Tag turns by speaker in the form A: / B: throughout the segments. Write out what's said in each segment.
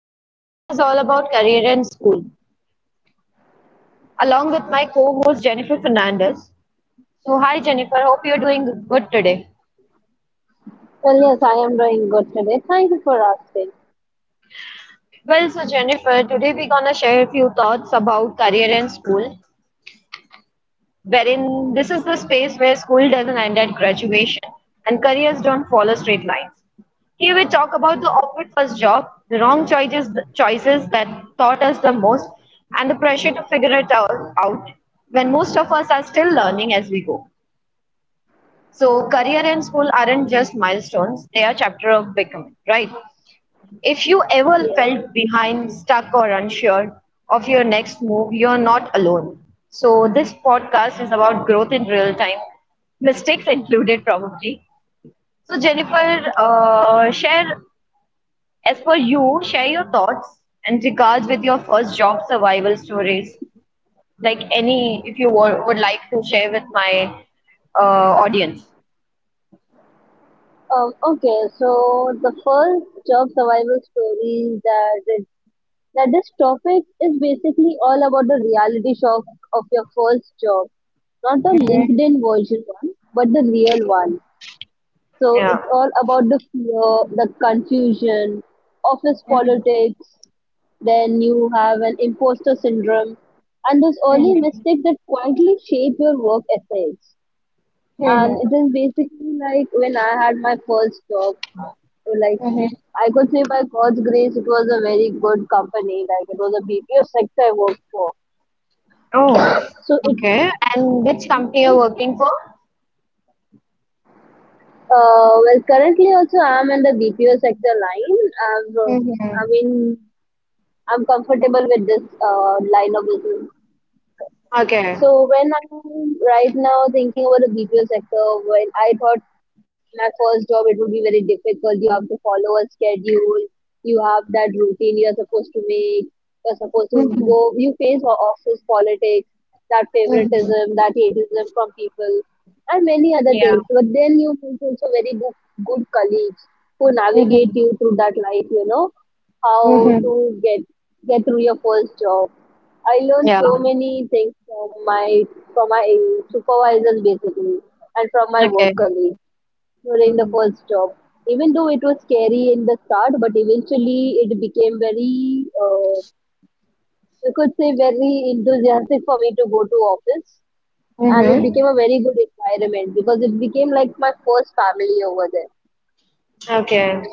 A: Today's topic is all about career and school, along with my co host Jennifer Fernandez. So, hi Jennifer, hope you're doing good today.
B: Well, yes, I am doing good today. Thank you for asking.
A: Well, so Jennifer, today we're gonna share a few thoughts about career and school, wherein this is the space where school doesn't end at graduation and careers don't follow straight lines. Here we talk about the awkward first job, the wrong choices, choices that taught us the most, and the pressure to figure it out when most of us are still learning as we go. So, career and school aren't just milestones, they are chapter of becoming, right? If you ever
B: Yes.
A: felt behind, stuck, or unsure of your next move, you're not alone. So, this podcast is about growth in real time, mistakes included, probably. So, Jennifer, share, as per you, share your thoughts and regards with your first job survival stories. Like any, if you were, would like to share with my audience.
B: Okay, so the first job survival story that this topic is basically all about the reality shock of your first job, not the LinkedIn version one, but the real one. So
A: Yeah.
B: it's all about the fear, the confusion, office politics. Then you have an imposter syndrome, and those early mistakes that quietly shape your work ethics. And it is basically like when I had my first job, so like I could say by God's grace, it was a very good company. Like it was a BPO sector I worked for.
A: Oh,
B: So it,
A: okay. And which company you're
B: it
A: working for?
B: well, currently also I'm in the BPO sector line. I'm, uh, I
A: Mm-hmm.
B: mean, I'm comfortable with this line of business.
A: Okay.
B: So when I'm right now thinking about the BPO sector, when I thought my first job it would be very difficult. You have to follow a schedule, you have that routine, you're supposed to make, you're supposed to go, you face office politics, that favoritism, that hateism from people and many other things. But then you meet also good colleagues who navigate you through that life, you know, how
A: Mm-hmm.
B: to get through your first job. I learned
A: Yeah.
B: so many things from my supervisors basically and from my work
A: Okay.
B: colleagues during the
A: Mm-hmm.
B: first job. Even though it was scary in the start, but eventually it became very, you could say, very enthusiastic for me to go to office. And it
A: Mm-hmm.
B: became a very good environment because it became like my first family over there.
A: Okay.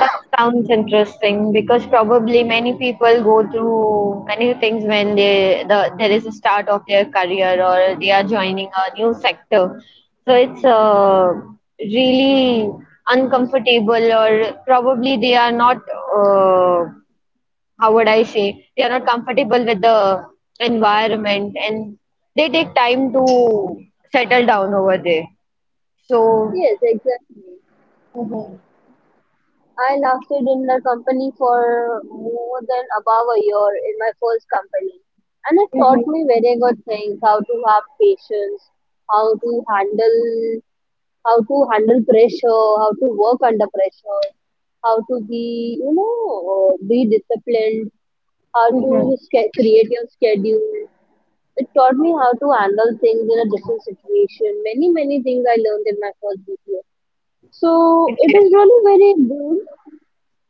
A: That sounds interesting because probably many people go through many things when they the there is a start of their career or they are joining a new sector. So it's really uncomfortable or probably they are not uh, how would I say they are not comfortable with the environment, and they take time to settle down over there. So,
B: Yes, exactly.
A: mhm.
B: I lasted in the company for more than above a year in my first company. And it taught me very good things: how to have patience, how to handle pressure, how to work under pressure, how to be, you know, be disciplined, how to create your schedule. It taught me how to handle things in a different situation. Many, many things I learned in my first BPO. So it
A: Okay.
B: is really very good.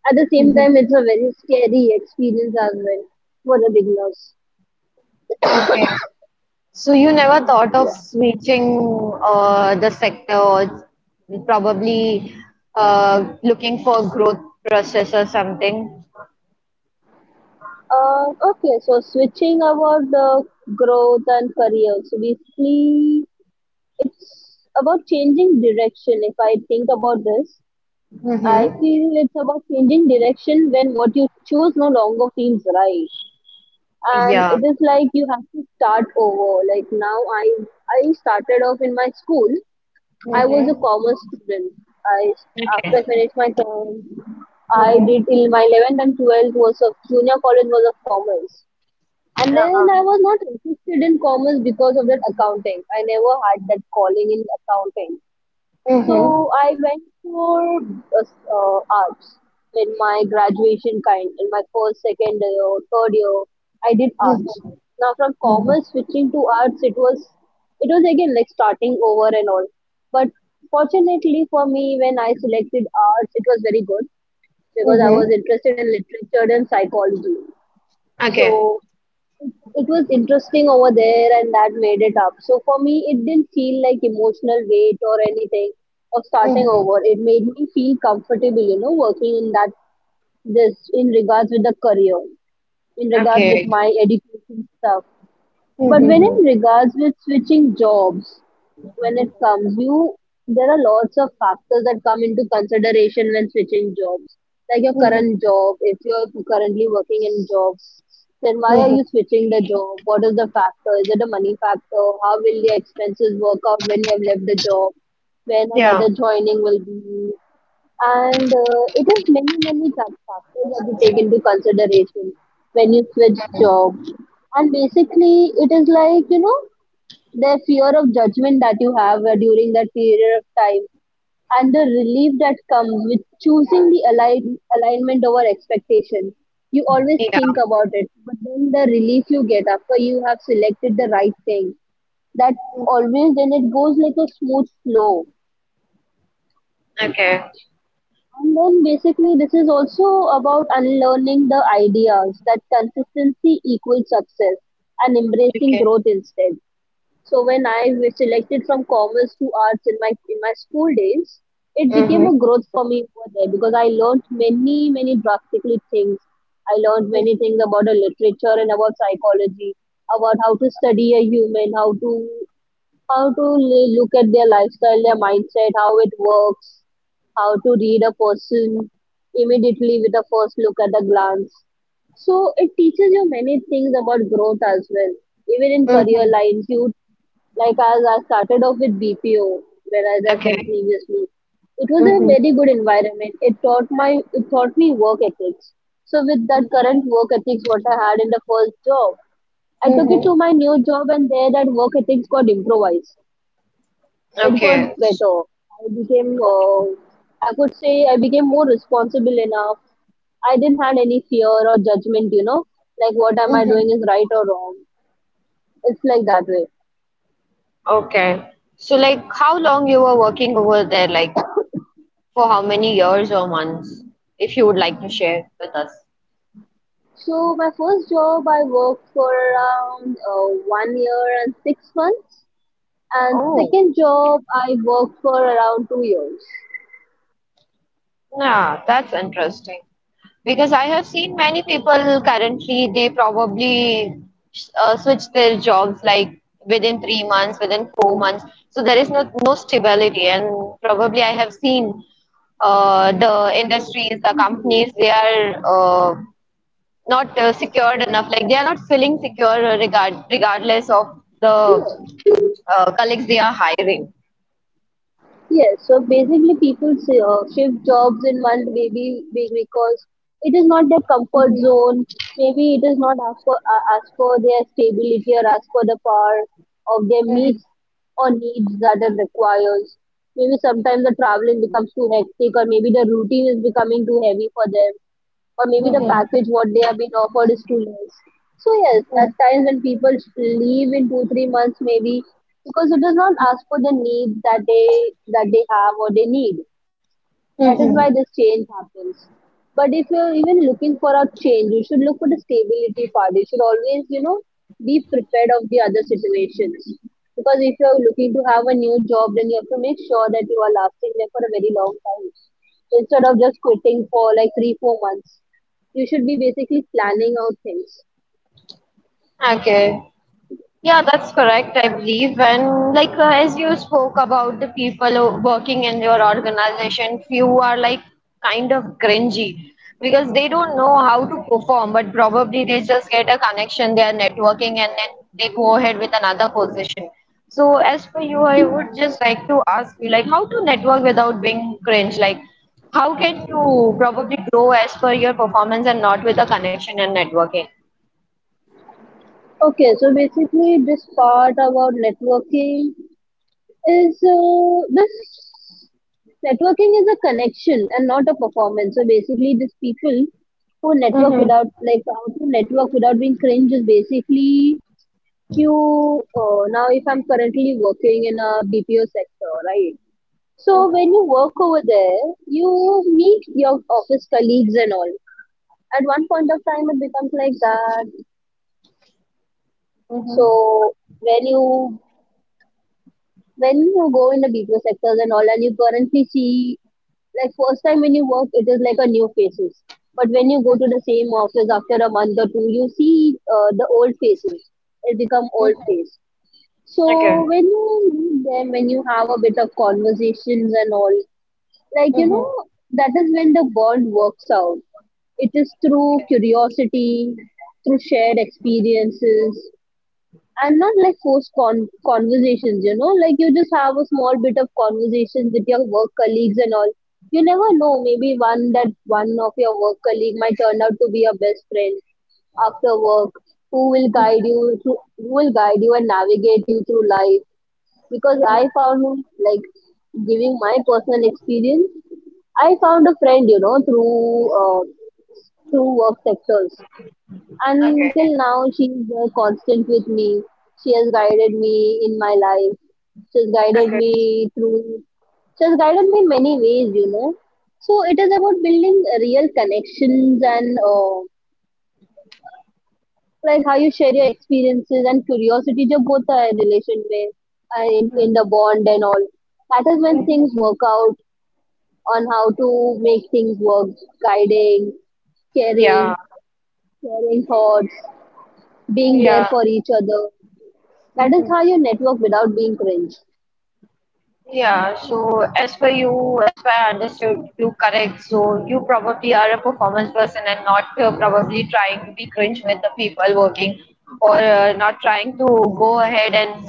B: At the same
A: Mhm.
B: time, it's a very scary experience as well for the beginners.
A: Okay. So you never thought of
B: Yeah.
A: switching the sector or probably looking for growth process or something?
B: Okay, so switching about the growth and career. So basically, it's about changing direction. If I think about this, I
A: Mm-hmm.
B: feel it's about changing direction when what you choose no longer feels right. And
A: Yeah.
B: it is like you have to start over. Like now, I started off in my school. I was a
A: Mm-hmm.
B: commerce student. I After I
A: Okay.
B: finished my term, I
A: Mm-hmm.
B: did till my 11th and 12th was of junior college was of commerce. And then
A: Uh-huh.
B: I was not interested in commerce because of that accounting. I never had that calling in accounting.
A: Mhm.
B: So I went for arts in my graduation kind. In my first, second year, third year, I did arts.
A: Mhm.
B: Now from
A: Mhm.
B: commerce switching to arts, it was again like starting over and all. But fortunately for me, when I selected arts, it was very good because I
A: Mhm.
B: was interested in literature and psychology.
A: Okay.
B: So it was interesting over there and that made it up, so for me it didn't feel like emotional weight or anything of starting
A: Mhm.
B: over. It made me feel comfortable, you know, working in that this in regards with the career, in regards with
A: Okay.
B: my education stuff. But when
A: Mhm.
B: in regards with switching jobs, when it comes you, there are lots of factors that come into consideration when switching jobs. Like your current
A: Mhm.
B: job, if you're currently working in jobs, then why are
A: Mhm.
B: you switching the job? What is the factor? Is it a money factor? How will your expenses work out when you have left the job, when
A: Yeah.
B: another joining will be, and it is many many factors that you take into consideration when you switch job. And basically it is like, you know, the fear of judgment that you have during that period of time, and the relief that comes with choosing the alignment over expectation. You always
A: Yeah.
B: think about it, but then the relief you get after you have selected the right thing, that always then it goes like a smooth flow.
A: Okay.
B: And then basically this is also about unlearning the ideas that consistency equals success and embracing
A: Okay.
B: growth instead. So when I was selected from commerce to arts in my school days, it
A: Mhm.
B: became a growth for me over there because I learned many, many drastically things. I learned many things about the literature and about psychology, about how to study a human, how to look at their lifestyle, their mindset, how it works, how to read a person immediately with a first look at a glance. So it teaches you many things about growth as well, even in career
A: Mhm.
B: lines you, like as I started off with BPO, whereas I said
A: Okay.
B: previously, it was a
A: Mhm.
B: very good environment. It taught me work ethics. So with that current work ethics what I had in the first job, I took it to
A: Mhm.
B: my new job and there that work ethics got improvised. It got
A: Okay.
B: better. I became I could say I became more responsible enough. I didn't had any fear or judgment, you know, like what am I doing
A: Mhm.
B: is right or wrong. It's like that way.
A: Okay. So like how long you were working over there, like for how many years or months, if you would like to share with us.
B: So my first job, I worked for around 1 year and 6 months, and
A: Oh,
B: second job, I worked for around 2 years.
A: yeah, that's interesting. Because I have seen many people currently, they probably switch their jobs like within 3 months, within 4 months. So there is no stability. And probably I have seen the industries, the
B: Mhm.
A: companies, they are uh, not secured enough, like they are not feeling secure regardless of the colleagues they are hiring.
B: Yes, so basically people say, shift jobs in month maybe because it is not their comfort zone. Maybe it is not as for, as for their stability or as for the power of their needs that it requires. Maybe sometimes the traveling becomes too hectic, or maybe the routine is becoming too heavy for them, or maybe the package what they have been offered is too less. So yes, at times when people leave in 2-3 months maybe because it does not ask for the needs that they have or they need. That is why this change happens. But if you're even looking for a change, you should look for the stability part. You should always, you know, be prepared of the other situations. Because if you're looking to have a new job, then you have to make sure that you are lasting there for a very long time. So instead of just quitting for like three, 4 months, you should be basically planning out things.
A: Okay. Yeah, that's correct, I believe. And like as you spoke about the people who- working in your organization, few are like kind of cringy because they don't know how to perform, but probably they just get a connection, they are networking, and then they go ahead with another position. So as for you, I would just like to ask you, like how to network without being cringe? Like how can you probably grow as per your performance and not with a connection and networking?
B: Okay, so basically this part about networking is this networking is a connection and not a performance. So basically, these people who network
A: Mm-hmm.
B: without, like how to network without being cringe, is basically you. Now, if I'm currently working in a BPO sector, right? So when you work over there, you meet your office colleagues and all. At one point of time, it becomes like that.
A: Mm-hmm.
B: So when you go in the BPO sectors and all, and you currently see, like first time when you work, it is like a new faces. But when you go to the same office after a month or two, you see the old faces. It become old face. So
A: Okay.
B: when you meet them, when you have a bit of conversations and all, like you know,
A: Mm-hmm.
B: that is when the bond works out. It is through curiosity, through shared experiences, and not like forced conversations, you know, like you just have a small bit of conversation with your work colleagues and all. You never know, maybe one of your work colleague might turn out to be your best friend after work, who will guide you through, who will guide you and navigate you through life. Because I found, like, giving my personal experience, I found a friend, you know, through uh, through work sectors.
A: Okay.
B: Until now, she's constant with me. She has guided me in my life. She has guided
A: Okay.
B: me through. She has guided me in many ways, you know. So it is about building real connections and like how you share your experiences and curiosity. जो both है relation में in the bond and all. That is when things work out on how to make things work. Guiding, caring,
A: Yeah.
B: sharing thoughts, being there
A: Yeah.
B: for each other. That
A: Mm-hmm.
B: is how you network without being cringe.
A: Yeah. So as per you, as per I understood you correct, so you probably are a performance person and not probably trying to be cringe with the people working or not trying to go ahead and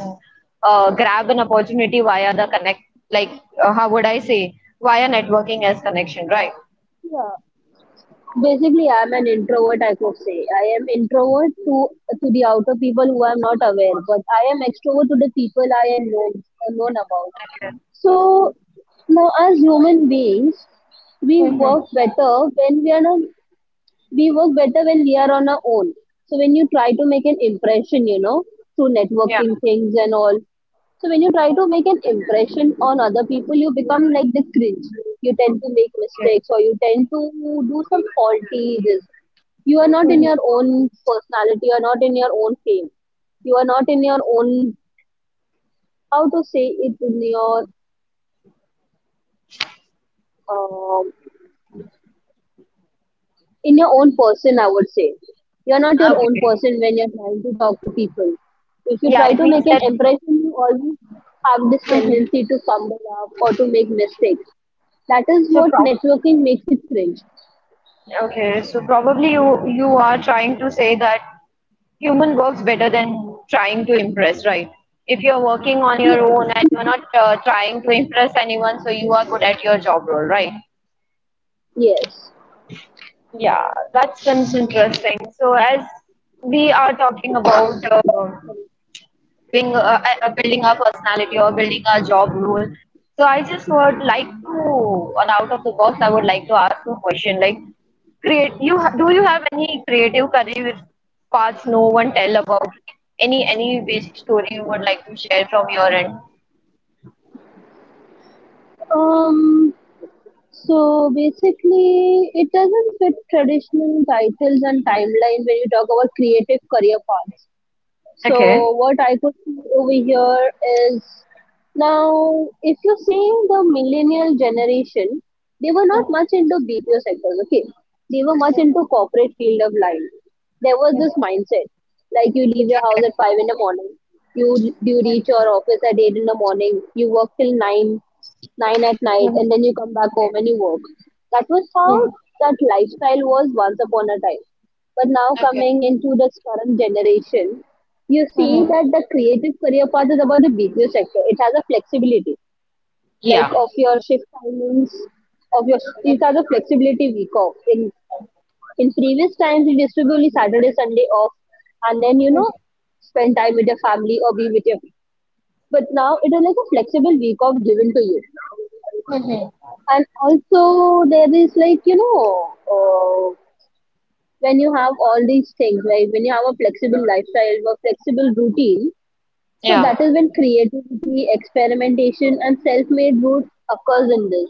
A: grab an opportunity via the connect, like how would I say, via networking as connection, right?
B: Yeah. Basically, I am an introvert. I could say I am introvert to the outer people who I'm not aware, but I am extrovert to the people I am known about.
A: Okay.
B: So now, as human beings, we work better when we are not we work better when we are on our own. So when you try to make an impression, you know, through
A: Yeah.
B: networking things and all. So when you try to make an impression on other people, you become like the cringe. You tend to make
A: Okay.
B: mistakes or you tend to do some faulty this. You are not in your own personality, you are not in your own fame. You are not in your own how to say it um in your own person, I would say. You're not your own
A: Okay.
B: person when you're trying to talk to people. If you
A: Yeah,
B: try
A: it
B: to
A: means
B: make an
A: that.
B: impression, you always have this
A: Mhm.
B: tendency to fumble up or to make mistakes. That is
A: So,
B: what
A: prob
B: networking makes it cringe.
A: Okay, so probably you are trying to say that human works better than trying to impress, right? If you're working on your
B: Yes,
A: own and you're not trying to impress anyone, so you are good at your job role, right?
B: yes.
A: Yeah, that seems interesting. So as we are talking about being building our personality or building our job role. So I just would like to, on out of the box, I would like to ask you a question. Like, do you have any creative career paths no one tell about? Any basic story you would like to share from your end?
B: Um, so basically, it doesn't fit traditional titles and timeline when you talk about creative career paths. So what I could see over here is now if you're seeing the millennial generation, they were not much into BPO sectors, okay? They were much into corporate field of life. There was this mindset. Like you leave your house
A: Okay.
B: at 5 in the morning, you reach your office at 8 in the morning, you work till nine at night,
A: Mhm.
B: and then you come back home and you work. That was how
A: Mhm.
B: that lifestyle was once upon a time. But now
A: Okay.
B: coming into this current generation, you see
A: Mhm.
B: that the creative career path is about the BPO sector. It has a flexibility, like
A: Yeah.
B: of your shift timings, of your these are the flexibility week off. In previous times, it used to be only Saturday, Sunday off, and then you know spend time with your family or be with your. But now it is like a flexible week off given to you
A: Mhm.
B: and also there is like you know when you have all these things, like when you have a flexible lifestyle or flexible routine, so that
A: Yeah.
B: is when creativity, experimentation, and self made growth occurs in this.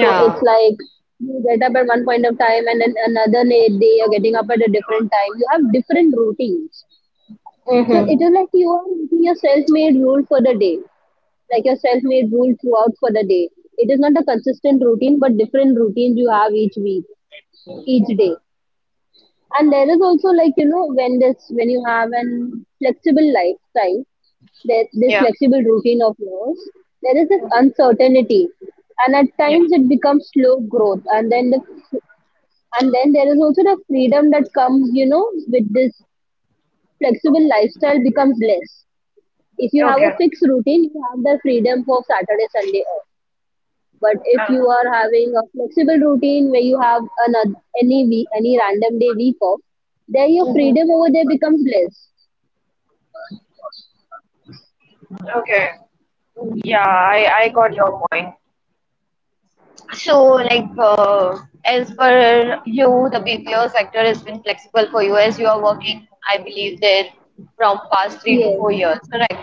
B: So it's like you get up at one point of time and then another day you're getting up at a different time. You have different routines. So it
A: Mm-hmm.
B: is like you are making a self made rule for the day, like your self made rule throughout for the day. It is not a consistent routine, but different routines you have each week, each day. And there is also like you know when you have an flexible lifestyle there this
A: Yeah.
B: flexible routine of yours there is this uncertainty and at
A: Yeah.
B: times it becomes slow growth and then the and then there is also the freedom that comes you know with this flexible lifestyle becomes less if you have a
A: Okay.
B: fixed routine you have the freedom for Saturday Sunday off but
A: Uh,
B: if you are having a flexible routine where you have another, any week, any random day week off, then your freedom over there becomes less.
A: okay. Yeah, I got your point. So, like, as per you, the BPO sector has been flexible for you as you are working, I believe, there from past three to
B: Yes,
A: four years, correct?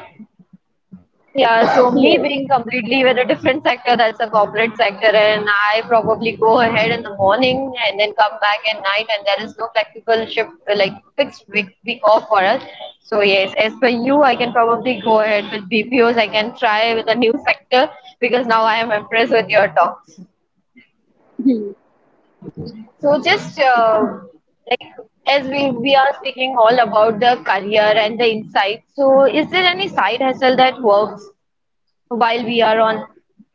A: Yeah, so me
B: yes.
A: being completely with a different sector, that's the corporate sector, and I probably go ahead in the morning and then come back at night, and there is no flexible shift, like fixed week off for us. So yes, as per you, I can probably go ahead with BPOs. I can try with a new sector because now I am impressed with your talks.
B: Hmm.
A: So just like as we are speaking all about the career and the insights. So is there any side hustle that works while we are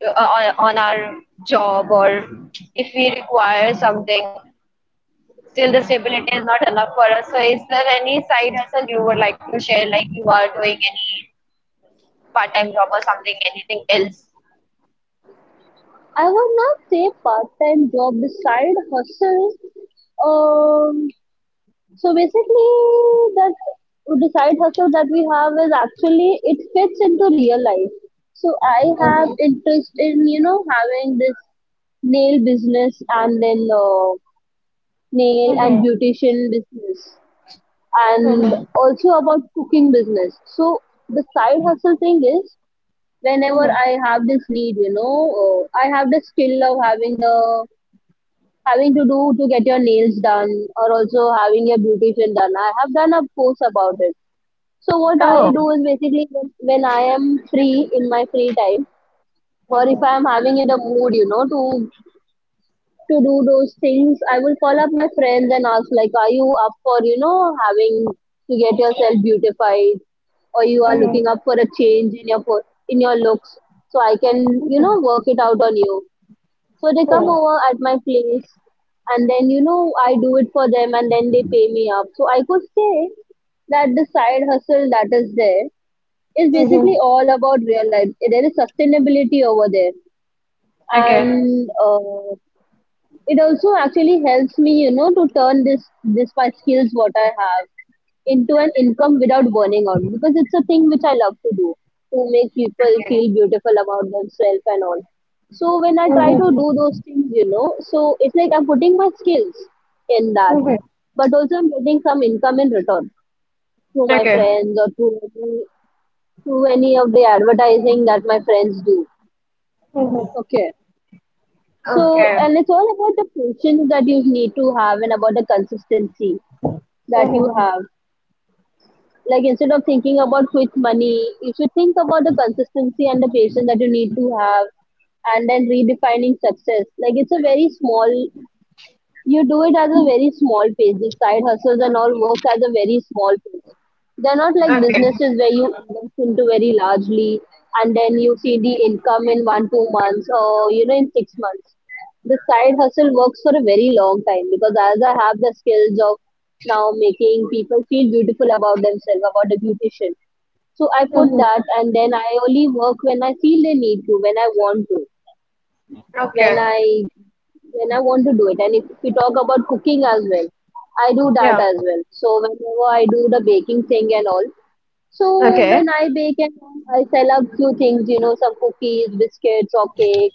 A: on our job or if we require something? Still, the stability is not enough for us. So, is there any side hustle you would like to share? Like you are doing any part-time job or something, anything else?
B: I would not say part-time job, the side hustle. Um, so basically, that the side hustle that we have is actually it fits into real life. So I have interest in you know having this nail business and then nail and beautician business and also about cooking business so the side hustle thing is whenever I have this need you know I have the skill of having the having to do to get your nails done or also having your beautician done I have done a course about it so what I
A: Oh,
B: do is basically when I am free in my free time or if I am having in the mood you know to do those things, I will call up my friends and ask, like, are you up for, you know, having to get yourself beautified, or you are looking up for a change in your in your looks, so I can, you know, work it out on you. So they come over at my place, and then you know I do it for them, and then they pay me up. So I could say that the side hustle that is there is basically all about real life. There is sustainability over there, and it also actually helps me you know to turn this my skills what I have into an income without burning out because it's a thing which I love to do to make people feel beautiful about themselves and all so when I try to do those things you know so it's like I'm putting my skills in that but also I'm getting some income in return through my
A: okay,
B: friends or through through any of the advertising that my friends do okay so
A: okay.
B: and it's all about the patience that you need to have and about the consistency that you
A: Mhm.
B: have. Like instead of thinking about quick money, you should think about the consistency and the patience that you need to have and then redefining success. Like it's a very small you do it as a very small page. Side hustles and all work as a very small page. They're not like
A: Okay.
B: businesses where you invest into very largely and then you see the income in one, 2 months or you know in 6 months. The side hustle works for a very long time because as I have the skills of now making people feel beautiful about themselves, about a beautician. So I put
A: Mhm.
B: that and then I only work when I feel they need to, when I want to, when
A: Okay,
B: I when I want to do it. And if we talk about cooking as well, I do that
A: yeah,
B: as well. So whenever I do the baking thing and all, so
A: okay.
B: when I bake and all, I sell a few things, you know, some cookies, biscuits, or cake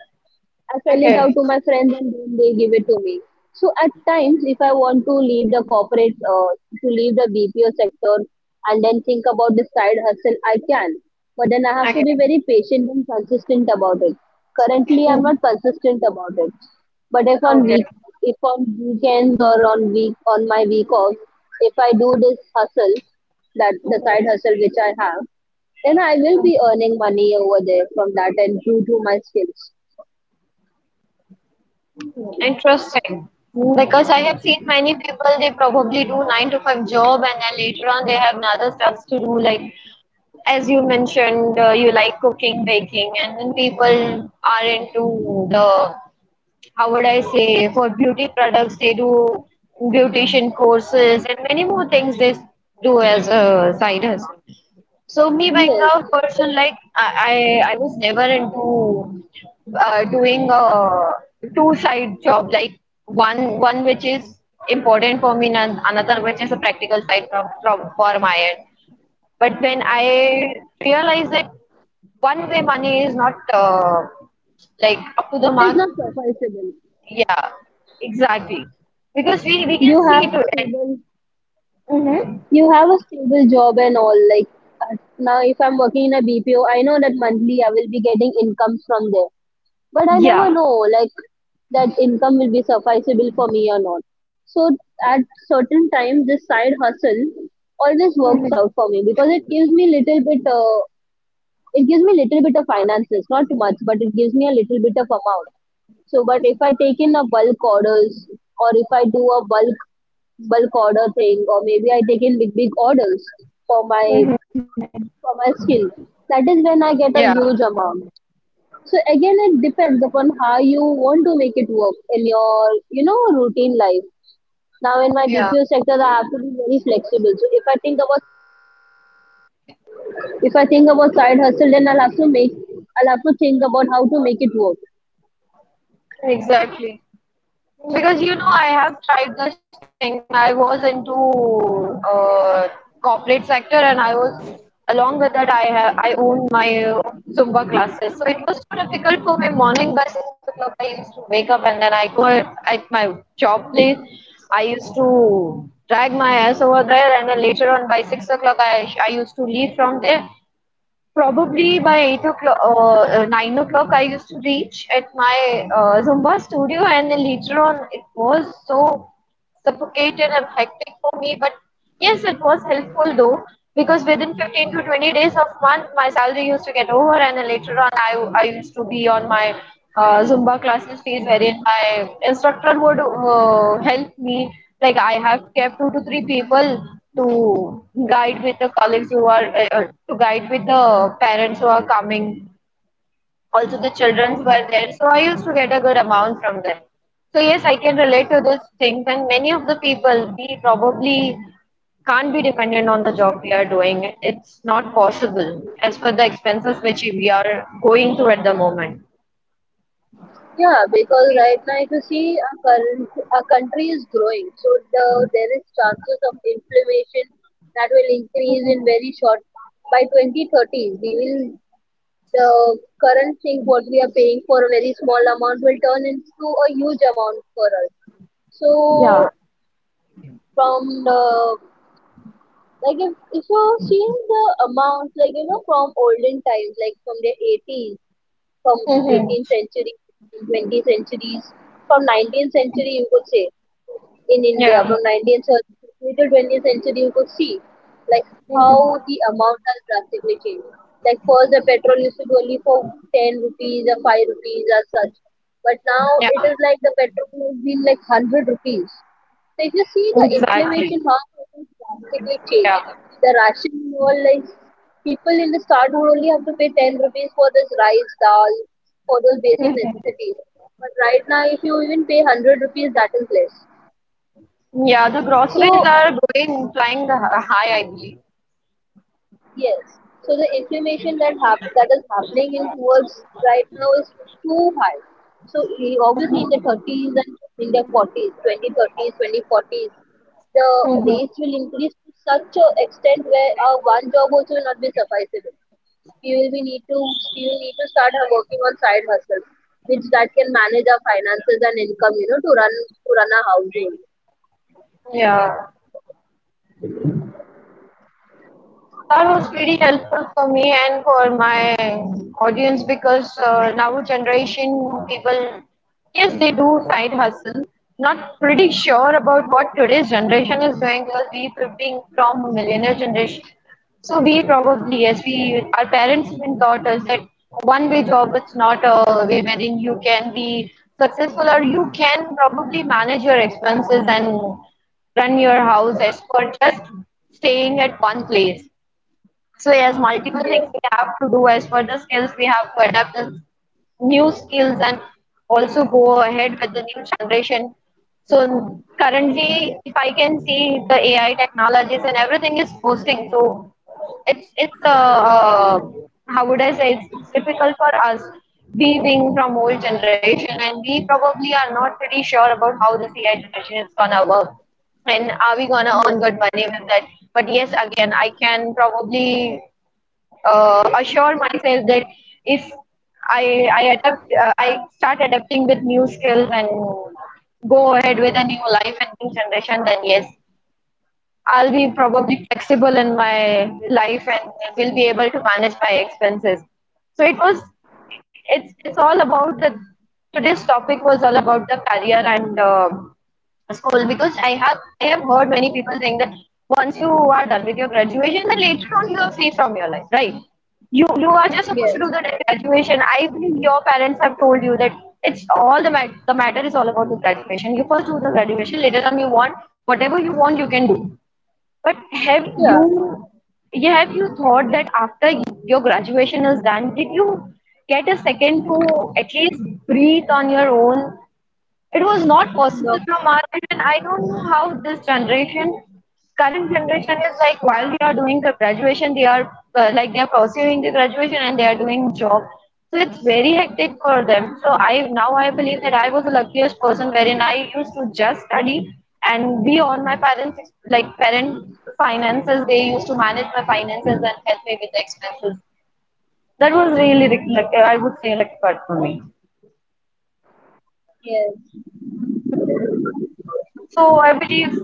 B: I sell it out
A: Okay,
B: to my friends and then they give it to me. So at times, if I want to leave the corporate, to leave the BPO sector and then think about the side hustle, I can. But then I have to
A: okay,
B: be very patient and consistent about it. Currently, I'm not consistent about it. But if on
A: okay.
B: week, if on weekends or on week on my week off, if I do this hustle, that the side hustle which I have, then I will be earning money over there from that and due to my skills.
A: Interesting. Hmm. Because I have seen many people, they probably do 9 to 5 job and then later on they have other stuffs to do. Like as you mentioned, you like cooking, baking, and then people are into the how would I say for beauty products, they do beautician courses and many more things they do as a side hustle. So me being
B: Yes.
A: a person like I, I was never into doing a two side job, like one which is important for me and another which is a practical side from for my end. But then I realized that one way money is not like up to the
B: It's
A: mark.
B: not compulsory.
A: Yeah, exactly. Because we can
B: You
A: see
B: have a
A: to it.
B: stable,
A: Mm-hmm.
B: you have a stable job and all. Like now, if I'm working in a BPO, I know that monthly I will be getting incomes from there. But I never
A: Yeah.
B: know like that income will be sufficable for me or not. So at certain time, this side hustle always works out for me because it gives me little bit. It gives me little bit of finances, not much, but it gives me a little bit of amount. So, but if I take in a bulk orders, or if I do a bulk order thing, or maybe I take in big orders for my for my skill, that is when I
A: Yeah.
B: get a huge amount. So again, it depends upon how you want to make it work in your you know routine life. Now in my
A: Yeah.
B: BPO sector, I have to be very flexible. So if I think about side hustle, then I'll have to think about how to make it work.
A: Exactly. Because you know, I have tried this thing. I was into uh, corporate sector, and I was along with that. I own my Zumba classes, so it was so difficult for my morning. By 6 o'clock, I used to wake up, and then I go at my job place. I used to drag my ass over there, and then later on by 6 o'clock, I used to leave from there. Probably by 8 o'clock, 9 o'clock, I used to reach at my Zumba studio, and then later on, it was so suffocated and hectic for me. But yes, it was helpful though, because within 15 to 20 days of month, my salary used to get over, and then later on, I used to be on my Zumba classes phase, wherein my instructor would help me. Like I have kept 2 to 3 people to guide with the colleagues who are to guide with the parents who are coming, also the childrens were there, so I used to get a good amount from them. So yes, I can relate to those things, and many of the people, we probably can't be dependent on the job we are doing. It's not possible as per the expenses which we are going through at the moment.
B: Yeah, because right now, if you see, our, current, our country is growing, so the, there is chances of inflammation that will increase in very short. By 2030, we will the current thing what we are paying for a very small amount will turn into a huge amount for us. So from the like if you're seeing the amounts like you know from olden times like from the 80s, from 18th century, 20th centuries, from 19th century you could say in India
A: Yeah.
B: from 19th century to 20th century, you could see like how the amount has drastically changed. Like first, the petrol used to be only for 10 rupees or 5 rupees or such, but now
A: Yeah,
B: it is like the petrol has been like 100 rupees. So if you see the
A: exactly.
B: inflammation, how it has drastically
A: Yeah.
B: changed. The ration and all like people in the start would only have to pay 10 rupees for this rice, dal, for those basic necessities. But right now, if you even pay 100 rupees, that is less.
A: Yeah the groceries
B: So
A: are going flying the hi- high I believe.
B: yes, so the inflammation that that is happening in towards right now is too high. So obviously in the 30s and in the 40s, 2030s, 2040s, the
A: Hmm.
B: rates will increase to such a extent where our one job also will not be sufficient. We will be need to we will need to start working on side hustles, which that can manage our finances and income, you know, to run a household.
A: Yeah. That was pretty helpful for me and for my audience because now generation people, yes, they do side hustle. Not pretty sure about what today's generation is doing because we being from millennial generation. So we probably yes, we, our parents even taught us that one way job is not a way wherein you can be successful or you can probably manage your expenses and run your house as per just staying at one place. So yes, multiple
B: Yes,
A: things we have to do as for the skills, we have to adapt the new skills and also go ahead with the new generation. So currently, if I can see the AI technologies and everything is boosting, so it's how would I say, it's difficult for us, we being from old generation, and we probably are not pretty sure about how this AI generation is gonna work and are we gonna
B: yes,
A: earn good money with that? But yes, again, I can probably assure myself that if I adapt, I start adapting with new skills and go ahead with a new life and new generation, then yes, I'll be probably flexible in my life and will be able to manage my expenses. So it was, it's all about the today's topic was all about the career and. School because I have heard many people saying that once you are done with your graduation, then later on you are free from your life, right? You are just supposed
B: yes,
A: to do the graduation. I believe your parents have told you that it's all the matter. The matter is all about the graduation. You first do the graduation, later on you want whatever you want you can do. But have
B: yeah,
A: you yeah, have you thought that after your graduation is done, did you get a second to at least breathe on your own? It was not possible
B: no,
A: from our end, and I don't know how this generation, current generation, is like. While they are doing the graduation, they are like they are pursuing the graduation and they are doing job. So it's very hectic for them. So I now I believe that I was the luckiest person wherein I used to just study and be on my parents like parent finances. They used to manage my finances and help me with the expenses. That was really lucky. I would say lucky part for me.
B: yes,
A: So I believe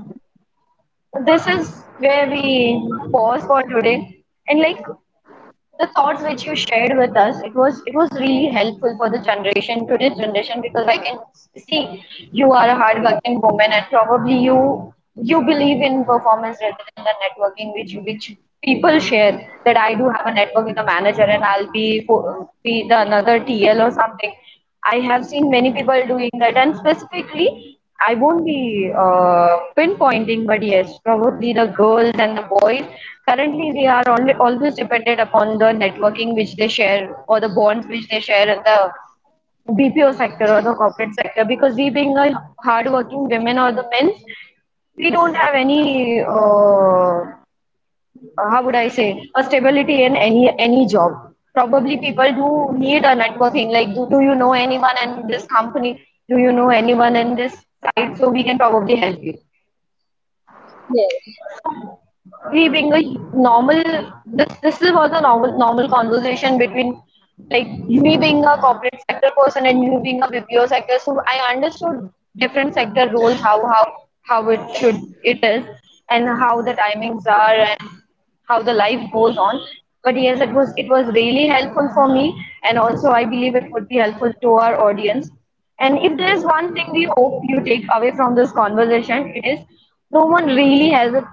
A: this is where we pause for today, and like the thoughts which you shared with us, it was really helpful for the generation, today's generation, because I can see you are a hardworking woman, and probably you believe in performance rather than the networking, which people share that I do have a network with a manager and I'll be the another TL or something. I have seen many people doing that, and specifically I won't be pinpointing, but yes, probably the girls and the boys. Currently, they are only, always dependent upon the networking which they share or the bonds which they share in the BPO sector or the corporate sector. Because we, being a hardworking women or the men, we don't have any how would I say, a stability in any job. Probably people do need a networking. Like, do you know anyone in this company? Do you know anyone in this site? So we can probably help you.
B: yes.
A: We being a normal, this was a normal conversation between like me being a corporate sector person and you being a BPO sector. So I understood different sector roles, how it should it is, and how the timings are, and how the life goes on. But yes, it was really helpful for me, and also I believe it would be helpful to our audience. And if there is one thing we hope you take away from this conversation, it is no one really has it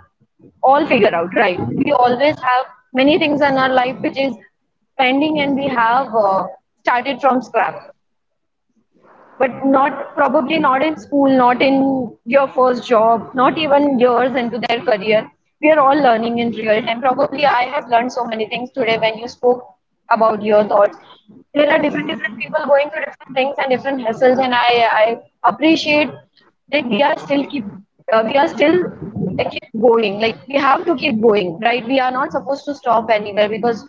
A: all figured out, right? We always have many things in our life which is pending, and we have started from scratch, but not probably not in school, not in your first job, not even years into their career. We are all learning in real time. Probably I have learned so many things today when you spoke about your thoughts. There are different people going through different things and different hassles, and I appreciate that we are still keep we are still keep going. Like we have to keep going, right? We are not supposed to stop anywhere because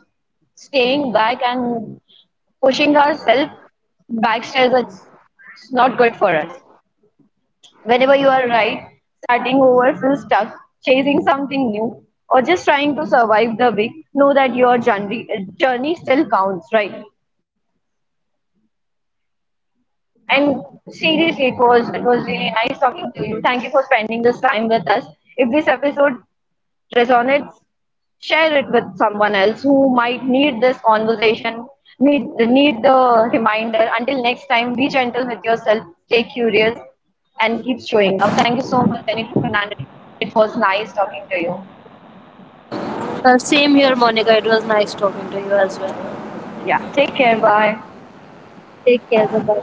A: staying back and pushing ourselves backstairs is not good for us. Whenever you are right, starting over feels stuck, chasing something new, or just trying to survive the week, know that your journey, journey still counts, right? And seriously, it was really nice talking to you. Thank you for spending this time with us. If this episode resonates, share it with someone else who might need this conversation, need the reminder. Until next time, be gentle with yourself, stay curious, and keep showing up. Thank you so much, Benito Fernandez. It was nice talking to you.
B: Same here, Monica. It was nice talking to you as well.
A: Yeah, take care. Bye.
B: Take care. Bye.